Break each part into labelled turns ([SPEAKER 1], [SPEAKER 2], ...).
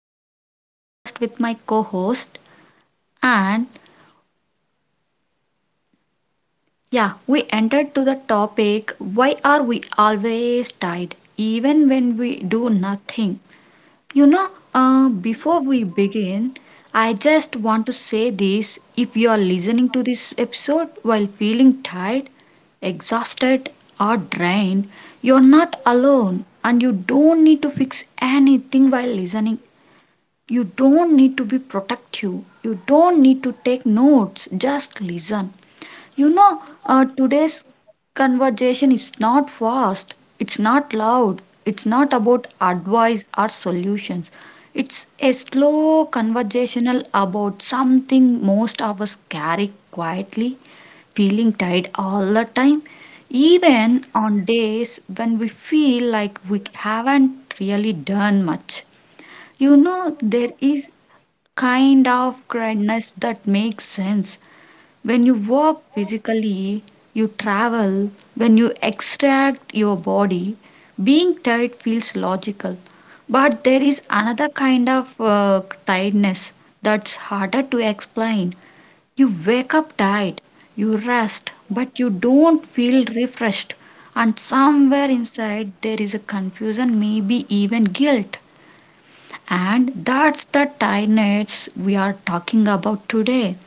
[SPEAKER 1] back to the broadcast with my co host. And yeah, we entered to the topic why are we always tired, even when we do nothing? You know, Before we begin, I just want to say this if you are listening to this episode while feeling tired, exhausted, or drained, you're not alone and you don't need to fix anything while listening. You don't need to be protective. You don't need to take notes. Just listen. Today's conversation is not fast. It's not loud. It's not about advice or solutions. It's a slow conversational about something most of us carry quietly, feeling tired all the time, even on days when we feel like we haven't really done much. There is kind of kindness that makes sense. When you work physically, you travel, when you extract your body, being tired feels logical. But there is another kind of tiredness that's harder to explain. You wake up tired, you rest, but you don't feel refreshed. And somewhere inside, there is a confusion, maybe even guilt. And that's the tiredness we are talking about today.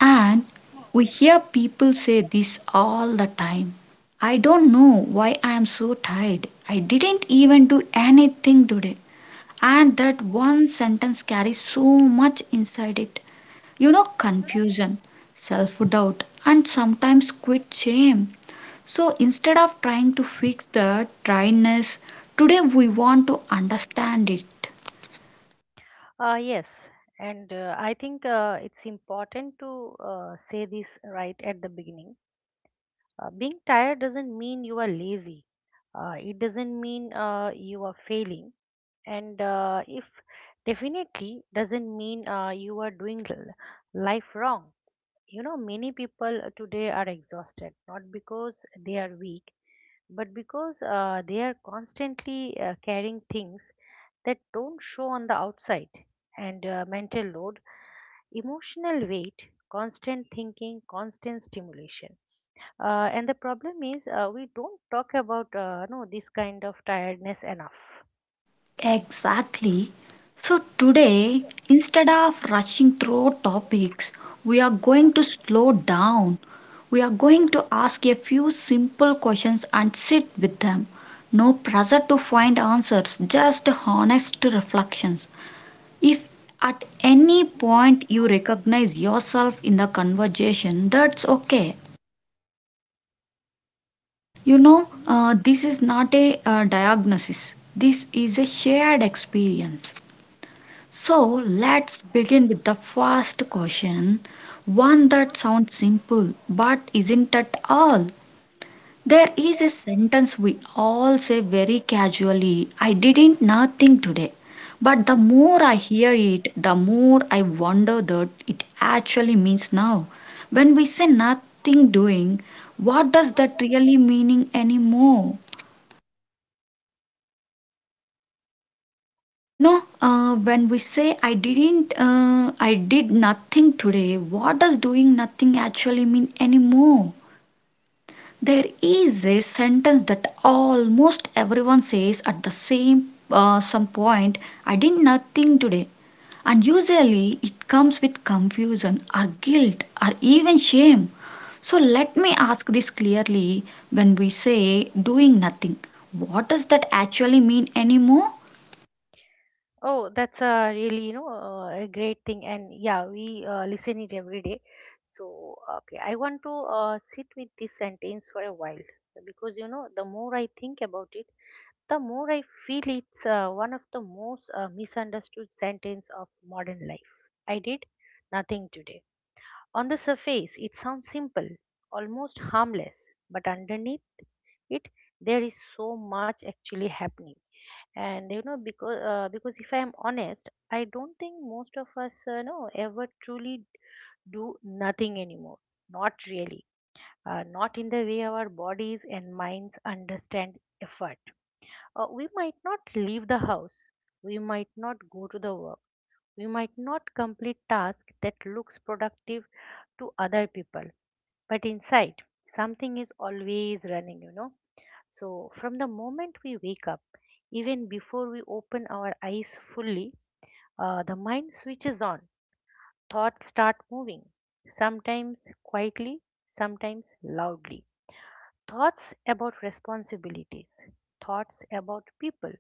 [SPEAKER 1] And we hear people say this all the time. I don't know why I am so tired. I didn't even do anything today. And that one sentence carries so much inside it. Confusion, self doubt, and sometimes quit shame. So instead of trying to fix the tiredness, today we want to understand it.
[SPEAKER 2] Yes, and I think it's important to say this right at the beginning. Being tired doesn't mean you are lazy. It doesn't mean you are failing, and if definitely doesn't mean you are doing life wrong. You know, many people today are exhausted, not because they are weak, but because they are constantly carrying things that don't show on the outside and mental load, emotional weight, constant thinking, constant stimulation. And the problem is we don't talk about no, this kind of tiredness enough.
[SPEAKER 1] Exactly. So, today, instead of rushing through topics, we are going to slow down. We are going to ask a few simple questions and sit with them. No pressure to find answers, just honest reflections. If at any point you recognize yourself in the conversation, that's okay. This is not a diagnosis, this is a shared experience. So let's begin with the first question, one that sounds simple but isn't at all. There is a sentence we all say very casually I didn't nothing today. But the more I hear it, the more I wonder that it actually means now. When we say nothing doing, what does that really meaning anymore? When we say I did nothing today, what does doing nothing actually mean anymore? There is a sentence that almost everyone says at the same some point I did nothing today. And usually it comes with confusion or guilt or even shame. So let me ask this clearly when we say doing nothing, what does that actually mean anymore?
[SPEAKER 2] Oh, that's a really, a great thing. And yeah, we listen it every day. So, okay, I want to sit with this sentence for a while because, you know, the more I think about it, the more I feel it's one of the most misunderstood sentence of modern life. I did nothing today. On the surface, it sounds simple, almost harmless, but underneath it, there is so much actually happening. And you know, because if I'm honest, I don't think most of us know ever truly do nothing anymore, not really, not in the way our bodies and minds understand effort. We might not leave the house, we might not go to the work, we might not complete tasks that looks productive to other people, but inside something is always running, you know. So, from the moment we wake up, even before we open our eyes fully, the mind switches on, thoughts start moving, sometimes quietly, sometimes loudly. Thoughts about responsibilities, thoughts about people,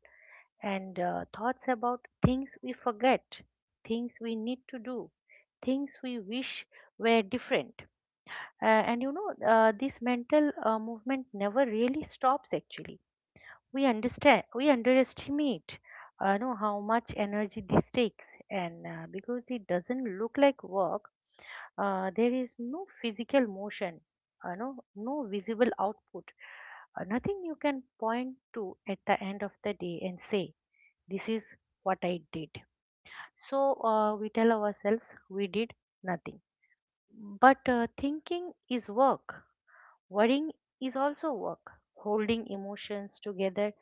[SPEAKER 2] and thoughts about things we forget, things we need to do, things we wish were different. And this mental movement never really stops. Actually, we underestimate know how much energy this takes, and because it doesn't look like work, there is no physical motion, no visible output, nothing you can point to at the end of the day and say this is what I did. So we tell ourselves we did nothing, but thinking is work. Worrying is also work. Holding emotions together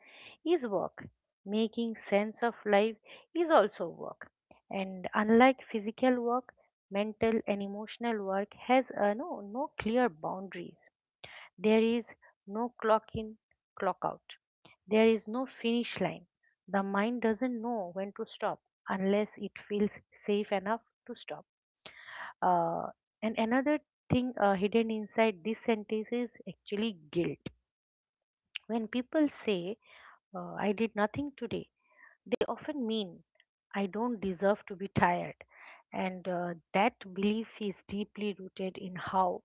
[SPEAKER 2] is work. Making sense of life is also work. And unlike physical work, mental and emotional work has no clear boundaries. There is no clock in, clock out. There is no finish line. The mind doesn't know when to stop unless it feels safe enough to stop. Uh, and another thing hidden inside this sentence is actually guilt. When people say, I did nothing today, they often mean, I don't deserve to be tired. And that belief is deeply rooted in how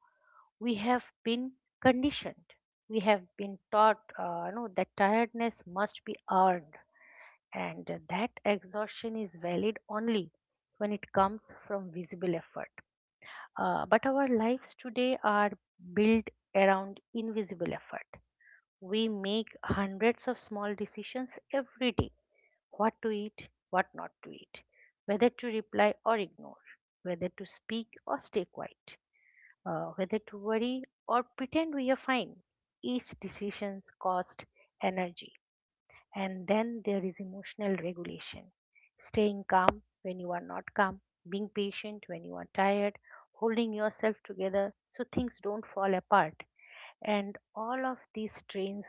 [SPEAKER 2] we have been conditioned. We have been taught, you know, that tiredness must be earned, and that exhaustion is valid only when it comes from visible effort. But our lives today are built around invisible effort. We make hundreds of small decisions every day: what to eat, what not to eat, whether to reply or ignore, whether to speak or stay quiet, whether to worry or pretend we are fine. Each decision costs energy. And then there is emotional regulation. Staying calm when you are not calm, being patient when you are tired, holding yourself together so things don't fall apart. And all of these strains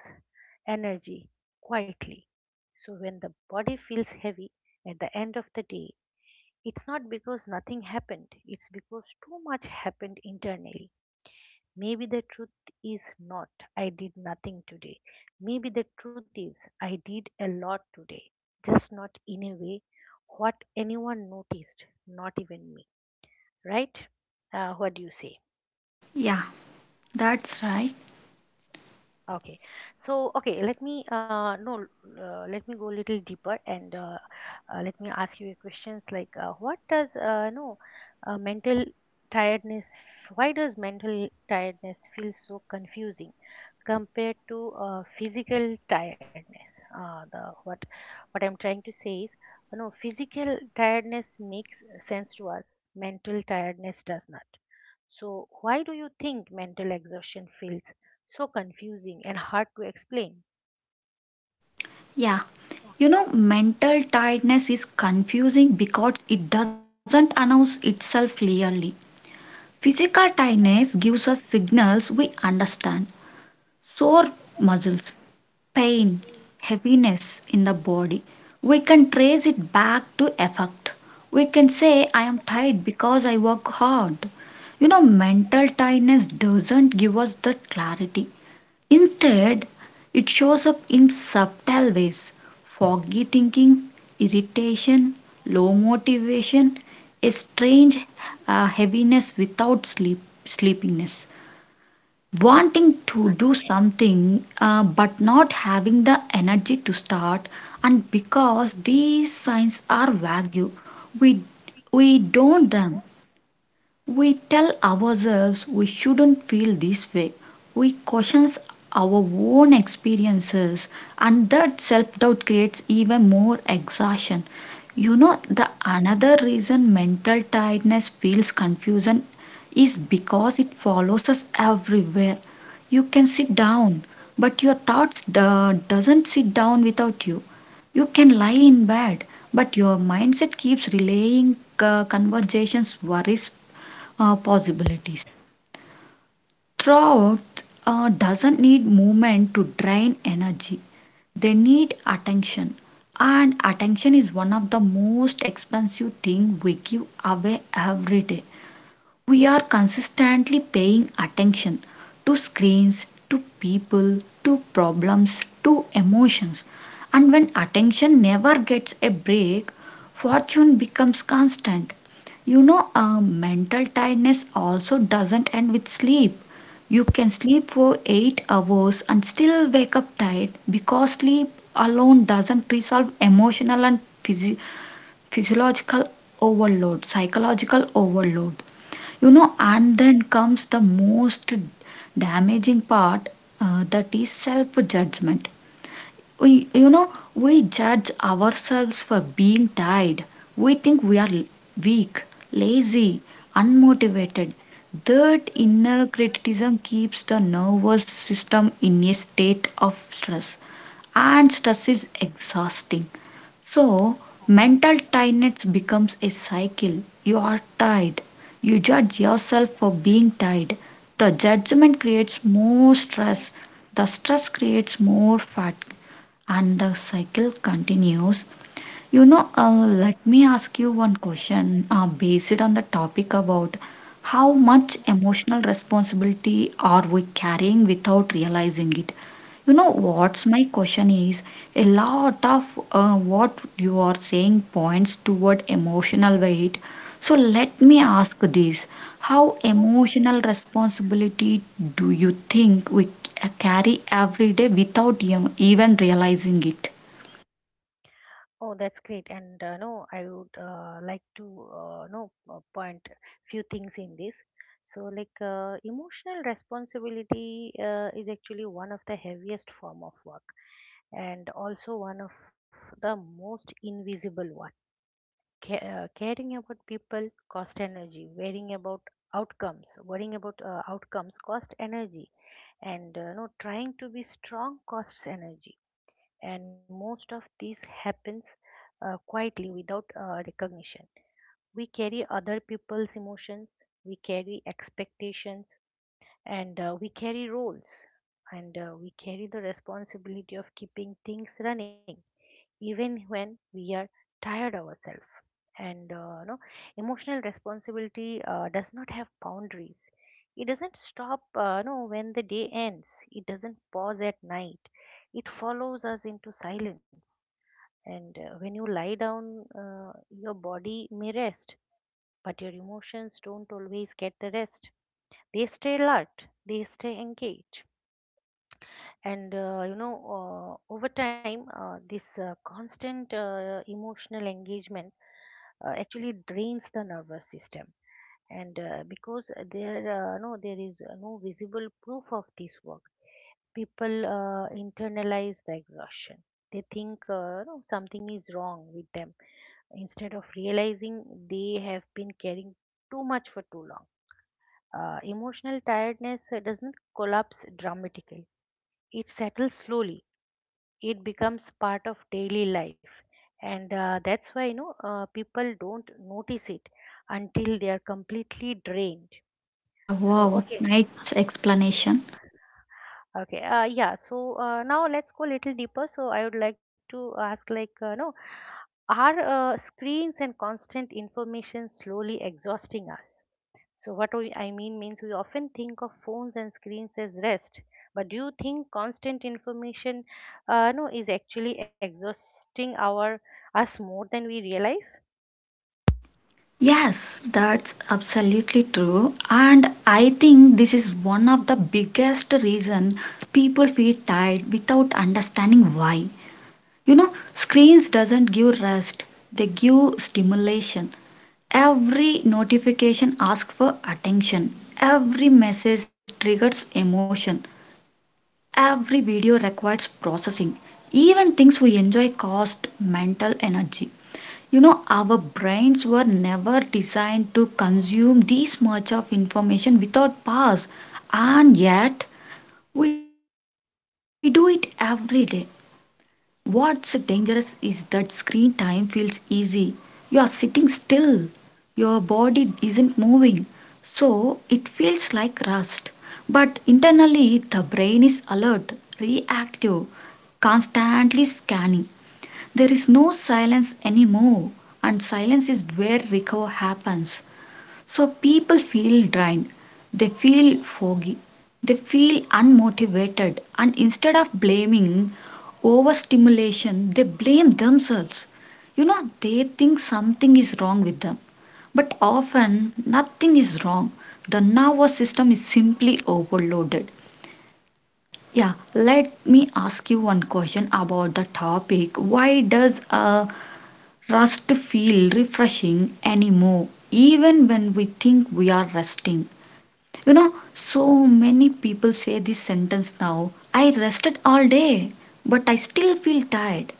[SPEAKER 2] energy quietly. So when the body feels heavy at the end of the day, it's not because nothing happened, it's because too much happened internally. Maybe the truth is not, I did nothing today. Maybe the truth is, I did a lot today, just not in a way what anyone noticed, not even me, right? What do you say?
[SPEAKER 1] Yeah, that's right.
[SPEAKER 2] Okay. So, let me no, let me go a little deeper, and let me ask you a questions like, what does no mental tiredness, why does mental tiredness feel so confusing compared to physical tiredness? The what I'm trying to say is, you know, physical tiredness makes sense to us, mental tiredness does not. So, why do you think mental exhaustion feels so confusing and hard to explain?
[SPEAKER 1] Yeah, mental tiredness is confusing because it doesn't announce itself clearly. Physical tiredness gives us signals we understand sore muscles, pain, heaviness in the body. We can trace it back to effort. We can say, I am tired because I work hard. Mental tiredness doesn't give us that clarity. Instead, it shows up in subtle ways foggy thinking, irritation, low motivation, a strange heaviness without sleep, sleepiness, wanting to do something but not having the energy to start. And because these signs are vague, we, we don't them we tell ourselves we shouldn't feel this way. We question our own experiences, and that self doubt creates even more exhaustion. The another reason mental tiredness feels confusion is because it follows us everywhere. You can sit down, but your thoughts doesn't sit down without you. You can lie in bed, but your mindset keeps relaying conversations, worries, possibilities. Throughout doesn't need movement to drain energy. They need attention, and attention is one of the most expensive thing we give away every day. We are consistently paying attention to screens, to people, to problems, to emotions. And when attention never gets a break, fortune becomes constant. Mental tiredness also doesn't end with sleep. You can sleep for 8 hours and still wake up tired because sleep alone doesn't resolve emotional and physiological overload, psychological overload. And then comes the most damaging part, that is self judgment. We you know we judge ourselves for being tired. We think we are weak, lazy, unmotivated. That inner criticism keeps the nervous system in a state of stress, and stress is exhausting. So, mental tiredness becomes a cycle. You are tired. You judge yourself for being tired. The judgment creates more stress. The stress creates more fatigue. And the cycle continues. Let me ask you one question based on the topic about how much emotional responsibility are we carrying without realizing it. What's my question is a lot of what you are saying points toward emotional weight. So let me ask this how emotional responsibility do you think we carry every day without even realizing it?
[SPEAKER 2] Oh, that's great. And no, I would like to no point few things in this. So, like emotional responsibility is actually one of the heaviest form of work, and also one of the most invisible one. Caring about people cost energy. Worrying about outcomes, worrying about outcomes cost energy, and no trying to be strong costs energy, and most of this happens quietly without recognition. We carry other people's emotions, we carry expectations, and we carry roles, and we carry the responsibility of keeping things running even when we are tired ourselves. And emotional responsibility does not have boundaries. It doesn't stop no when the day ends, it doesn't pause at night, it follows us into silence. And when you lie down, your body may rest, but your emotions don't always get the rest. They stay alert, they stay engaged. And over time this constant emotional engagement actually drains the nervous system. And because there is no visible proof of this work, people internalize the exhaustion. They think, no, something is wrong with them, instead of realizing they have been carrying too much for too long. Emotional tiredness does not collapse dramatically, it settles slowly, it becomes part of daily life. And that's why, you know, people don't notice it until they are completely drained.
[SPEAKER 1] Yeah,
[SPEAKER 2] so
[SPEAKER 1] wow,
[SPEAKER 2] okay
[SPEAKER 1] nice explanation.
[SPEAKER 2] okay uh, yeah, so now let's go a little deeper. So I would like to ask, like no are screens and constant information slowly exhausting us? So, I mean means we often think of phones and screens as rest, but do you think constant information no, is actually exhausting our us more than we realize?
[SPEAKER 1] Yes, that's absolutely true. And I think this is one of the biggest reason people feel tired without understanding why. Screens doesn't give rest, they give stimulation. Every notification asks for attention. Every message triggers emotion. Every video requires processing. Even things we enjoy cost mental energy. Our brains were never designed to consume this much of information without pause, and yet we do it every day. What's dangerous is that screen time feels easy. You are sitting still, your body isn't moving, so it feels like rest. But internally the brain is alert, reactive, constantly scanning. There is no silence anymore, and silence is where recovery happens. So people feel drained, they feel foggy, they feel unmotivated, and instead of blaming overstimulation, they blame themselves. They think something is wrong with them, but often nothing is wrong. The nervous system is simply overloaded. Yeah, let me ask you one question about the topic. Why does a Rest feel refreshing anymore, even when we think we are resting. So many people say this sentence now I rested all day, but I still feel tired.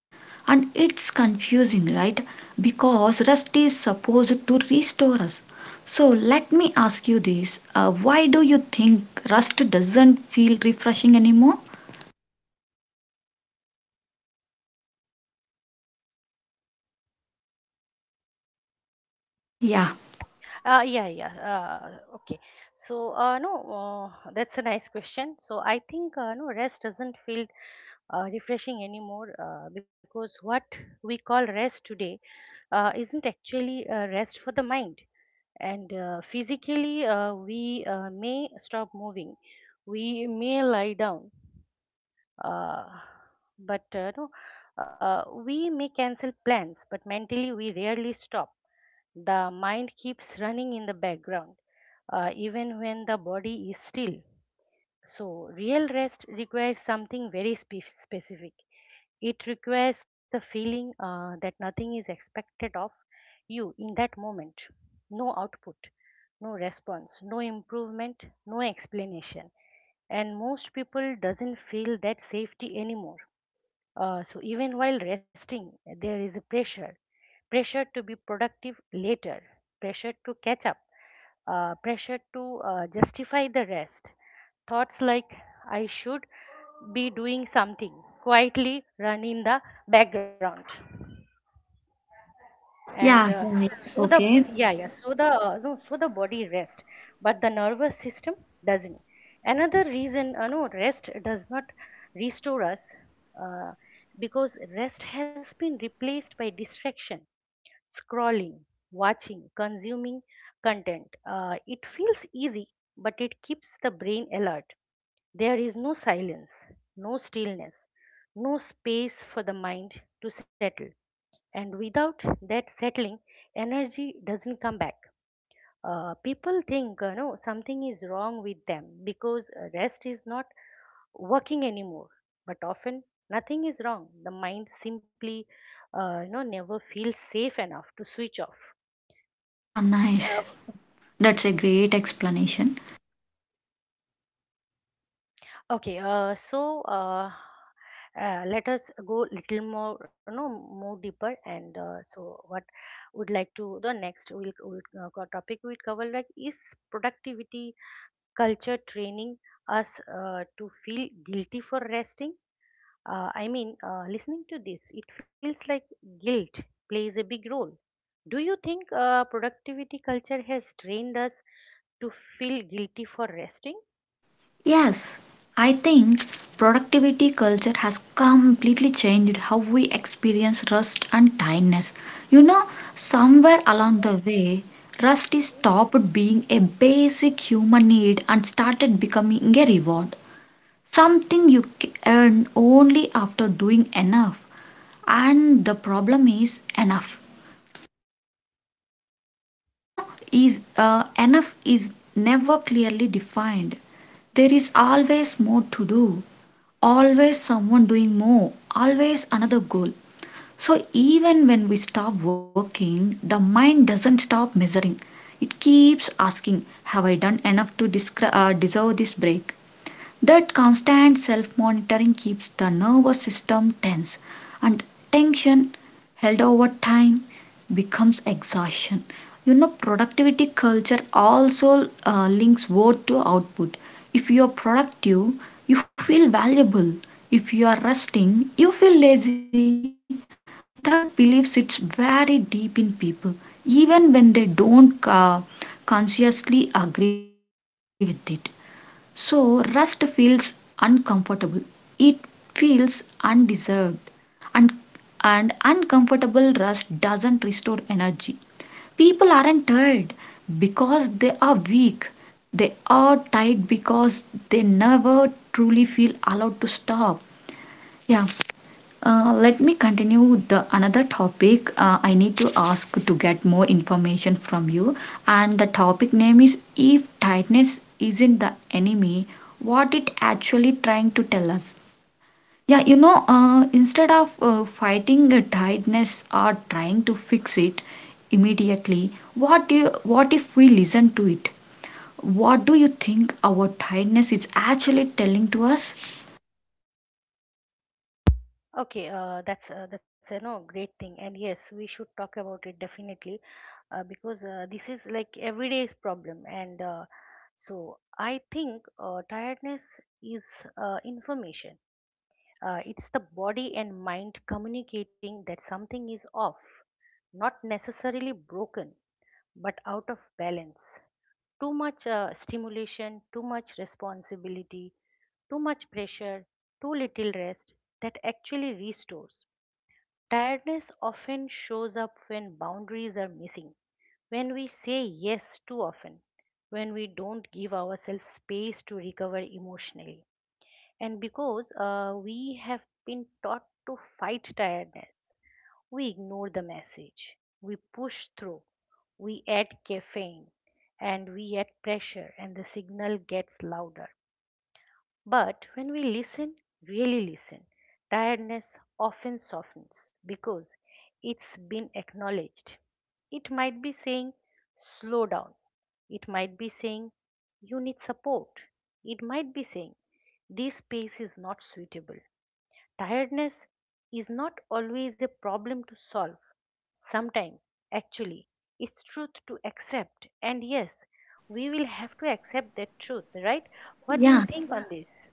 [SPEAKER 1] And it's confusing, right? Because rest is supposed to restore us. So let me ask you this why do you think rest doesn't feel refreshing anymore? Yeah,
[SPEAKER 2] Yeah. Okay. So, no, that's a nice question. So, I think rest doesn't feel refreshing anymore because what we call rest today isn't actually rest for the mind. And physically we may stop moving, we may lie down, uh, but no we may cancel plans, but mentally we rarely stop. The mind keeps running in the background even when the body is still. So real rest requires something very specific. It requires the feeling that nothing is expected of you in that moment. No output, no response, no improvement, no explanation. And most people doesn't feel that safety anymore. So even while resting, there is a pressure, pressure to be productive later, pressure to catch up, pressure to justify the rest. Thoughts like, I should be doing something, quietly run in the background. And
[SPEAKER 1] yeah, yeah. Yeah.
[SPEAKER 2] so the
[SPEAKER 1] Okay.
[SPEAKER 2] yeah yeah so the no so the body rests but the nervous system doesn't. Another reason rest does not restore us, uh, because rest has been replaced by distraction: scrolling, watching, consuming content. It feels easy but it keeps the brain alert. There is no silence, no stillness, no space for the mind to settle, and without that settling, energy doesn't come back. People think, no something is wrong with them because rest is not working anymore. But often nothing is wrong, the mind simply, never feels safe enough to switch off.
[SPEAKER 1] Yeah, nice.
[SPEAKER 2] uh,
[SPEAKER 1] That's a great explanation.
[SPEAKER 2] okay, so let us go little more, you know, more deeper, and so what would like to the next we'll topic we cover like is productivity culture training us to feel guilty for resting. I mean, listening to this, it feels like guilt plays a big role. Do you think productivity culture has trained us to feel guilty for resting?
[SPEAKER 1] Yes, I think productivity culture has completely changed how we experience rust and tiredness. You know, Somewhere along the way, rust is stopped being a basic human need and started becoming a reward, something you earn only after doing enough. And the problem is enough. You know, is enough is never clearly defined. There is always more to do, always someone doing more, always another goal. So even when we stop working, the mind doesn't stop measuring. It keeps asking, have I done enough to deserve this break? That constant self monitoring keeps the nervous system tense, and tension held over time becomes exhaustion. Productivity culture also links work to output. If you are productive, you feel valuable. If you are resting, you feel lazy. That belief sits very deep in people, even when they don't consciously agree with it. So rest feels uncomfortable. It feels undeserved. And and uncomfortable rest doesn't restore energy. People aren't tired because they are weak. They are tired because they never truly feel allowed to stop. Yeah. Let me continue with the another topic. I need to ask to get more information from you. And the topic name is if tightness isn't the enemy, what it actually trying to tell us. Yeah, instead of fighting a tightness or trying to fix it immediately, what if we listen to it? What do you think our tightness is actually telling to us?
[SPEAKER 2] Okay, that's a no great thing, and yes, we should talk about it definitely because this is like everyday's problem, and so I think tiredness is information. It's the body and mind communicating that something is off, not necessarily broken, but out of balance. Too much stimulation, too much responsibility, too much pressure, too little rest that actually restores. Tiredness often shows up when boundaries are missing, when we say yes too often, when we don't give ourselves space to recover emotionally. And because we have been taught to fight tiredness, we ignore the message. We push through. We add caffeine and we add pressure, and the signal gets louder. But when we listen, really listen, tiredness often softens because it's been acknowledged. It might be saying, slow down. It might be saying, you need support. It might be saying, this space is not suitable. Tiredness is not always a problem to solve. Sometimes, actually, it's truth to accept. And yes, we will have to accept that truth, right? What do you
[SPEAKER 1] Yeah.
[SPEAKER 2] think on this?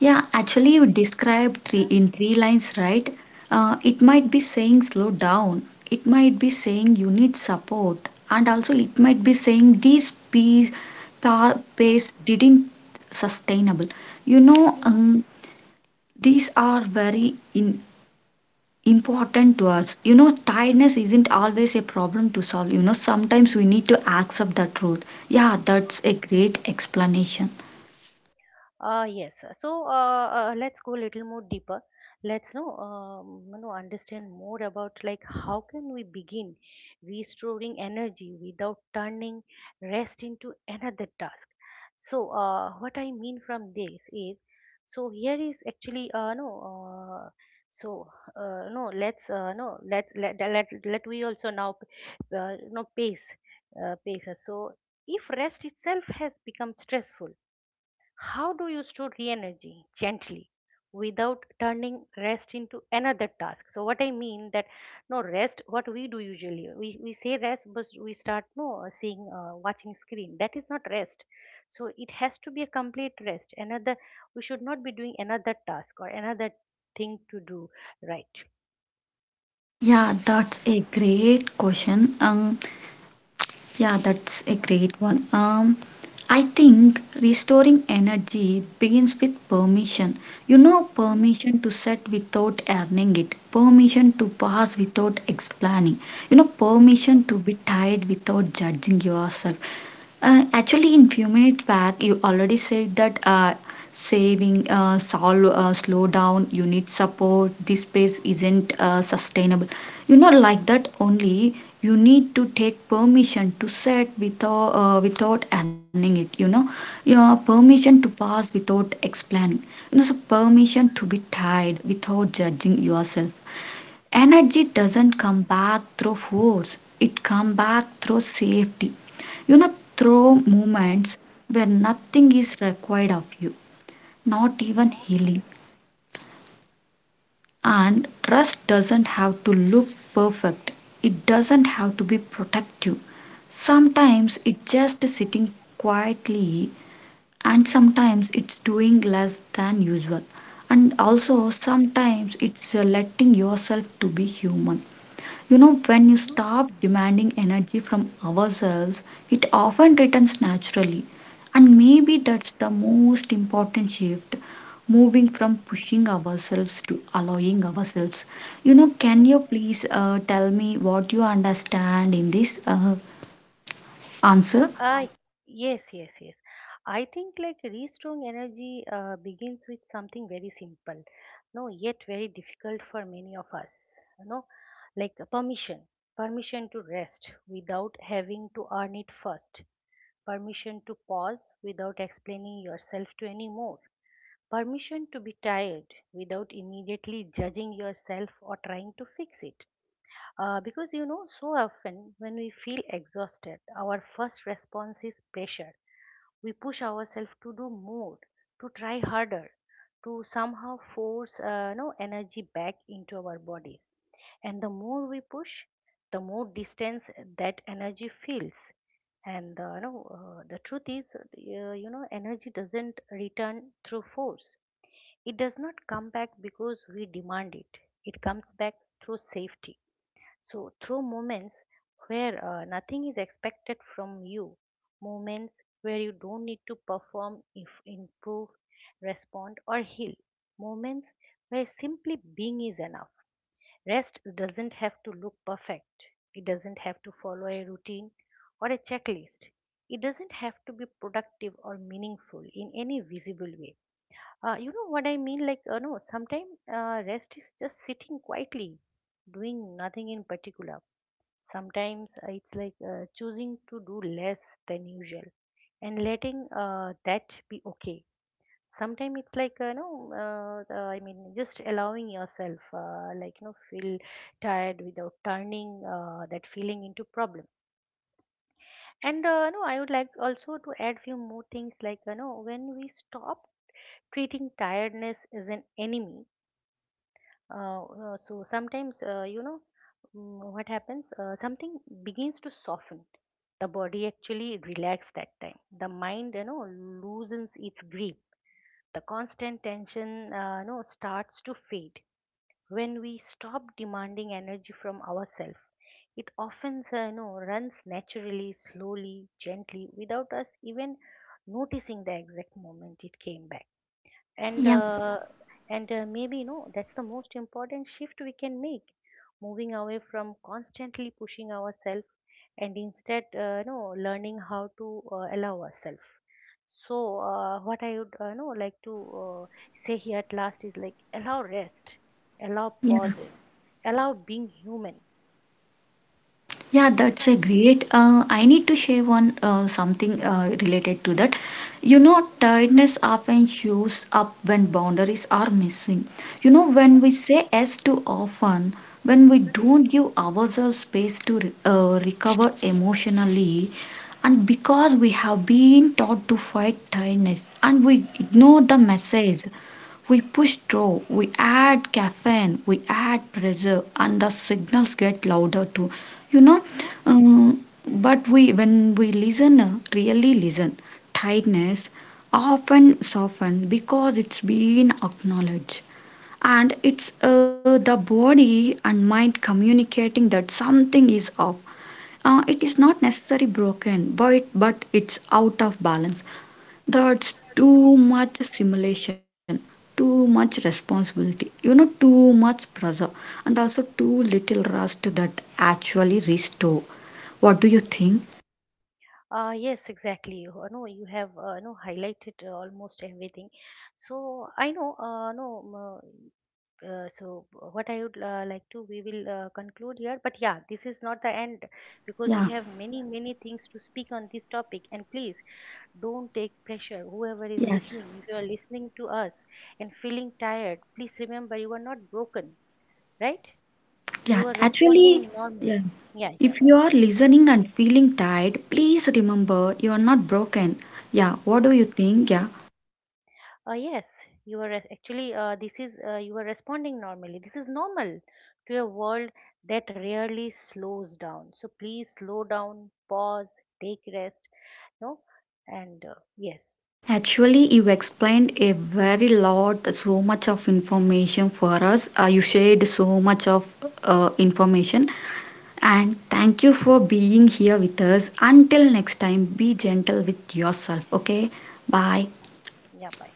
[SPEAKER 1] Yeah, actually, you describe three in three lines, right? It might be saying slow down, it might be saying you need support, and also it might be saying pace didn't sustainable. You know,
[SPEAKER 2] you know
[SPEAKER 1] um, these are very important words. Tiredness isn't always a problem to solve. Sometimes we need to accept the truth. Yeah, that's a great explanation.
[SPEAKER 2] yes, so let's go a little more deeper. Let's know, understand more about like how can we begin restoring energy without turning rest into another task. So what I mean from this is, so here is actually uh so no let's no let's let we also now no pace, pace us. So if rest itself has become stressful, how do you store re energy gently without turning rest into another task? So what I mean that no rest, what we do usually, we say rest, but we start no seeing, watching screen. That is not rest. So it has to be a complete rest. Another, we should not be doing another task or another thing to do, right?
[SPEAKER 1] Yeah, that's a great question. Yeah, that's a great one. I think restoring energy begins with permission. Permission to set without earning it, permission to pass without explaining, permission to be tired without judging yourself. Actually, in few minutes back, you already said that slow down, you need support. This pace isn't sustainable. Like that only. You need to take permission to set without earning it. Your permission to pass without explaining. So permission to be tired without judging yourself. Energy doesn't come back through force, it comes back through safety, through moments where nothing is required of you, not even healing. And trust doesn't have to look perfect, it doesn't have to be protective. Sometimes it's just sitting quietly, and sometimes it's doing less than usual, and also sometimes it's letting yourself to be human. When you stop demanding energy from ourselves, it often returns naturally. And maybe that's the most important shift, moving from pushing ourselves to allowing ourselves. Can you please tell me what you understand in this answer?
[SPEAKER 2] Uh, yes, yes, yes. I think like restoring energy begins with something very simple, no, yet very difficult for many of us. You know, like permission, permission to rest without having to earn it first, permission to pause without explaining yourself to anymore, permission to be tired without immediately judging yourself or trying to fix it. Because you know, so often when we feel exhausted, our first response is pressure. We push ourselves to do more, to try harder, to somehow force no energy back into our bodies, and the more we push, the more distance that energy feels. And the truth is you know, energy doesn't return through force. It does not come back because we demand it. It comes back through safety. So, through moments where nothing is expected from you, moments where you don't need to perform, if improve, respond, or heal, moments where simply being is enough. Rest doesn't have to look perfect, it doesn't have to follow a routine or a checklist. It doesn't have to be productive or meaningful in any visible way. You know what I mean? Like, no, sometimes rest is just sitting quietly, doing nothing in particular. Sometimes it's like choosing to do less than usual and letting that be okay. Sometimes it's like no I mean, just allowing yourself like you know, feel tired without turning that feeling into problem. And no I would like also to add few more things, like you know, when we stop treating tiredness as an enemy. So sometimes, you know, what happens? Something begins to soften. The body actually relax that time. The mind, you know, loosens its grip. The constant tension, you know, starts to fade. When we stop demanding energy from ourselves, it often, you know, runs naturally, slowly, gently, without us even noticing the exact moment it came back. and
[SPEAKER 1] Yeah,
[SPEAKER 2] uh, and uh, maybe you know, that's the most important shift we can make, moving away from constantly pushing ourselves and instead you know, learning how to allow ourselves. So what I would you know, like to uh, say here at last is, like, allow rest, allow
[SPEAKER 1] yeah.
[SPEAKER 2] pauses, allow being human.
[SPEAKER 1] Yeah, that's
[SPEAKER 2] Yeah,
[SPEAKER 1] a great. I need to share one something related to that. Tiredness often shows up when boundaries are missing. When we say yes too often, when we don't give ourselves space to recover emotionally, and because we have been taught to fight tiredness and we ignore the message we push through, we add caffeine, we add pressure, and the signals get louder too. You know,
[SPEAKER 2] you know,
[SPEAKER 1] but we when we listen, really listen, tiredness often soften because it's been acknowledged, and it's the body and mind communicating that something is off. It is not necessarily broken, but it's out of balance. That's too much simulation, too much responsibility, too much pressure, and also too little rest that actually restore. What do you think?
[SPEAKER 2] yes, exactly. You know, you have you know, highlighted almost everything. So I know, no, uh, so what I would like to, we will conclude here. But yeah, this is not the end because we
[SPEAKER 1] Yeah,
[SPEAKER 2] have many, many things to speak on this topic. And please don't take pressure, whoever is
[SPEAKER 1] yes.
[SPEAKER 2] listening. If you are listening to us and feeling tired, please remember you are not broken, right?
[SPEAKER 1] Yeah,
[SPEAKER 2] You are
[SPEAKER 1] actually.
[SPEAKER 2] responding normally.
[SPEAKER 1] Yeah.
[SPEAKER 2] Yeah, yeah.
[SPEAKER 1] If you are listening and feeling tired, please remember you are not broken. Yeah, what do you think? Yeah,
[SPEAKER 2] Uh, Yes, actually, this is, you are responding normally. This is normal to a world that rarely slows down. So please slow down, pause, take rest, no and yes.
[SPEAKER 1] actually you explained a very lot so much of information for us, you shared so much of information. And thank you for being here with us. Until next time, be gentle with yourself. Okay, bye.
[SPEAKER 2] Yeah, bye.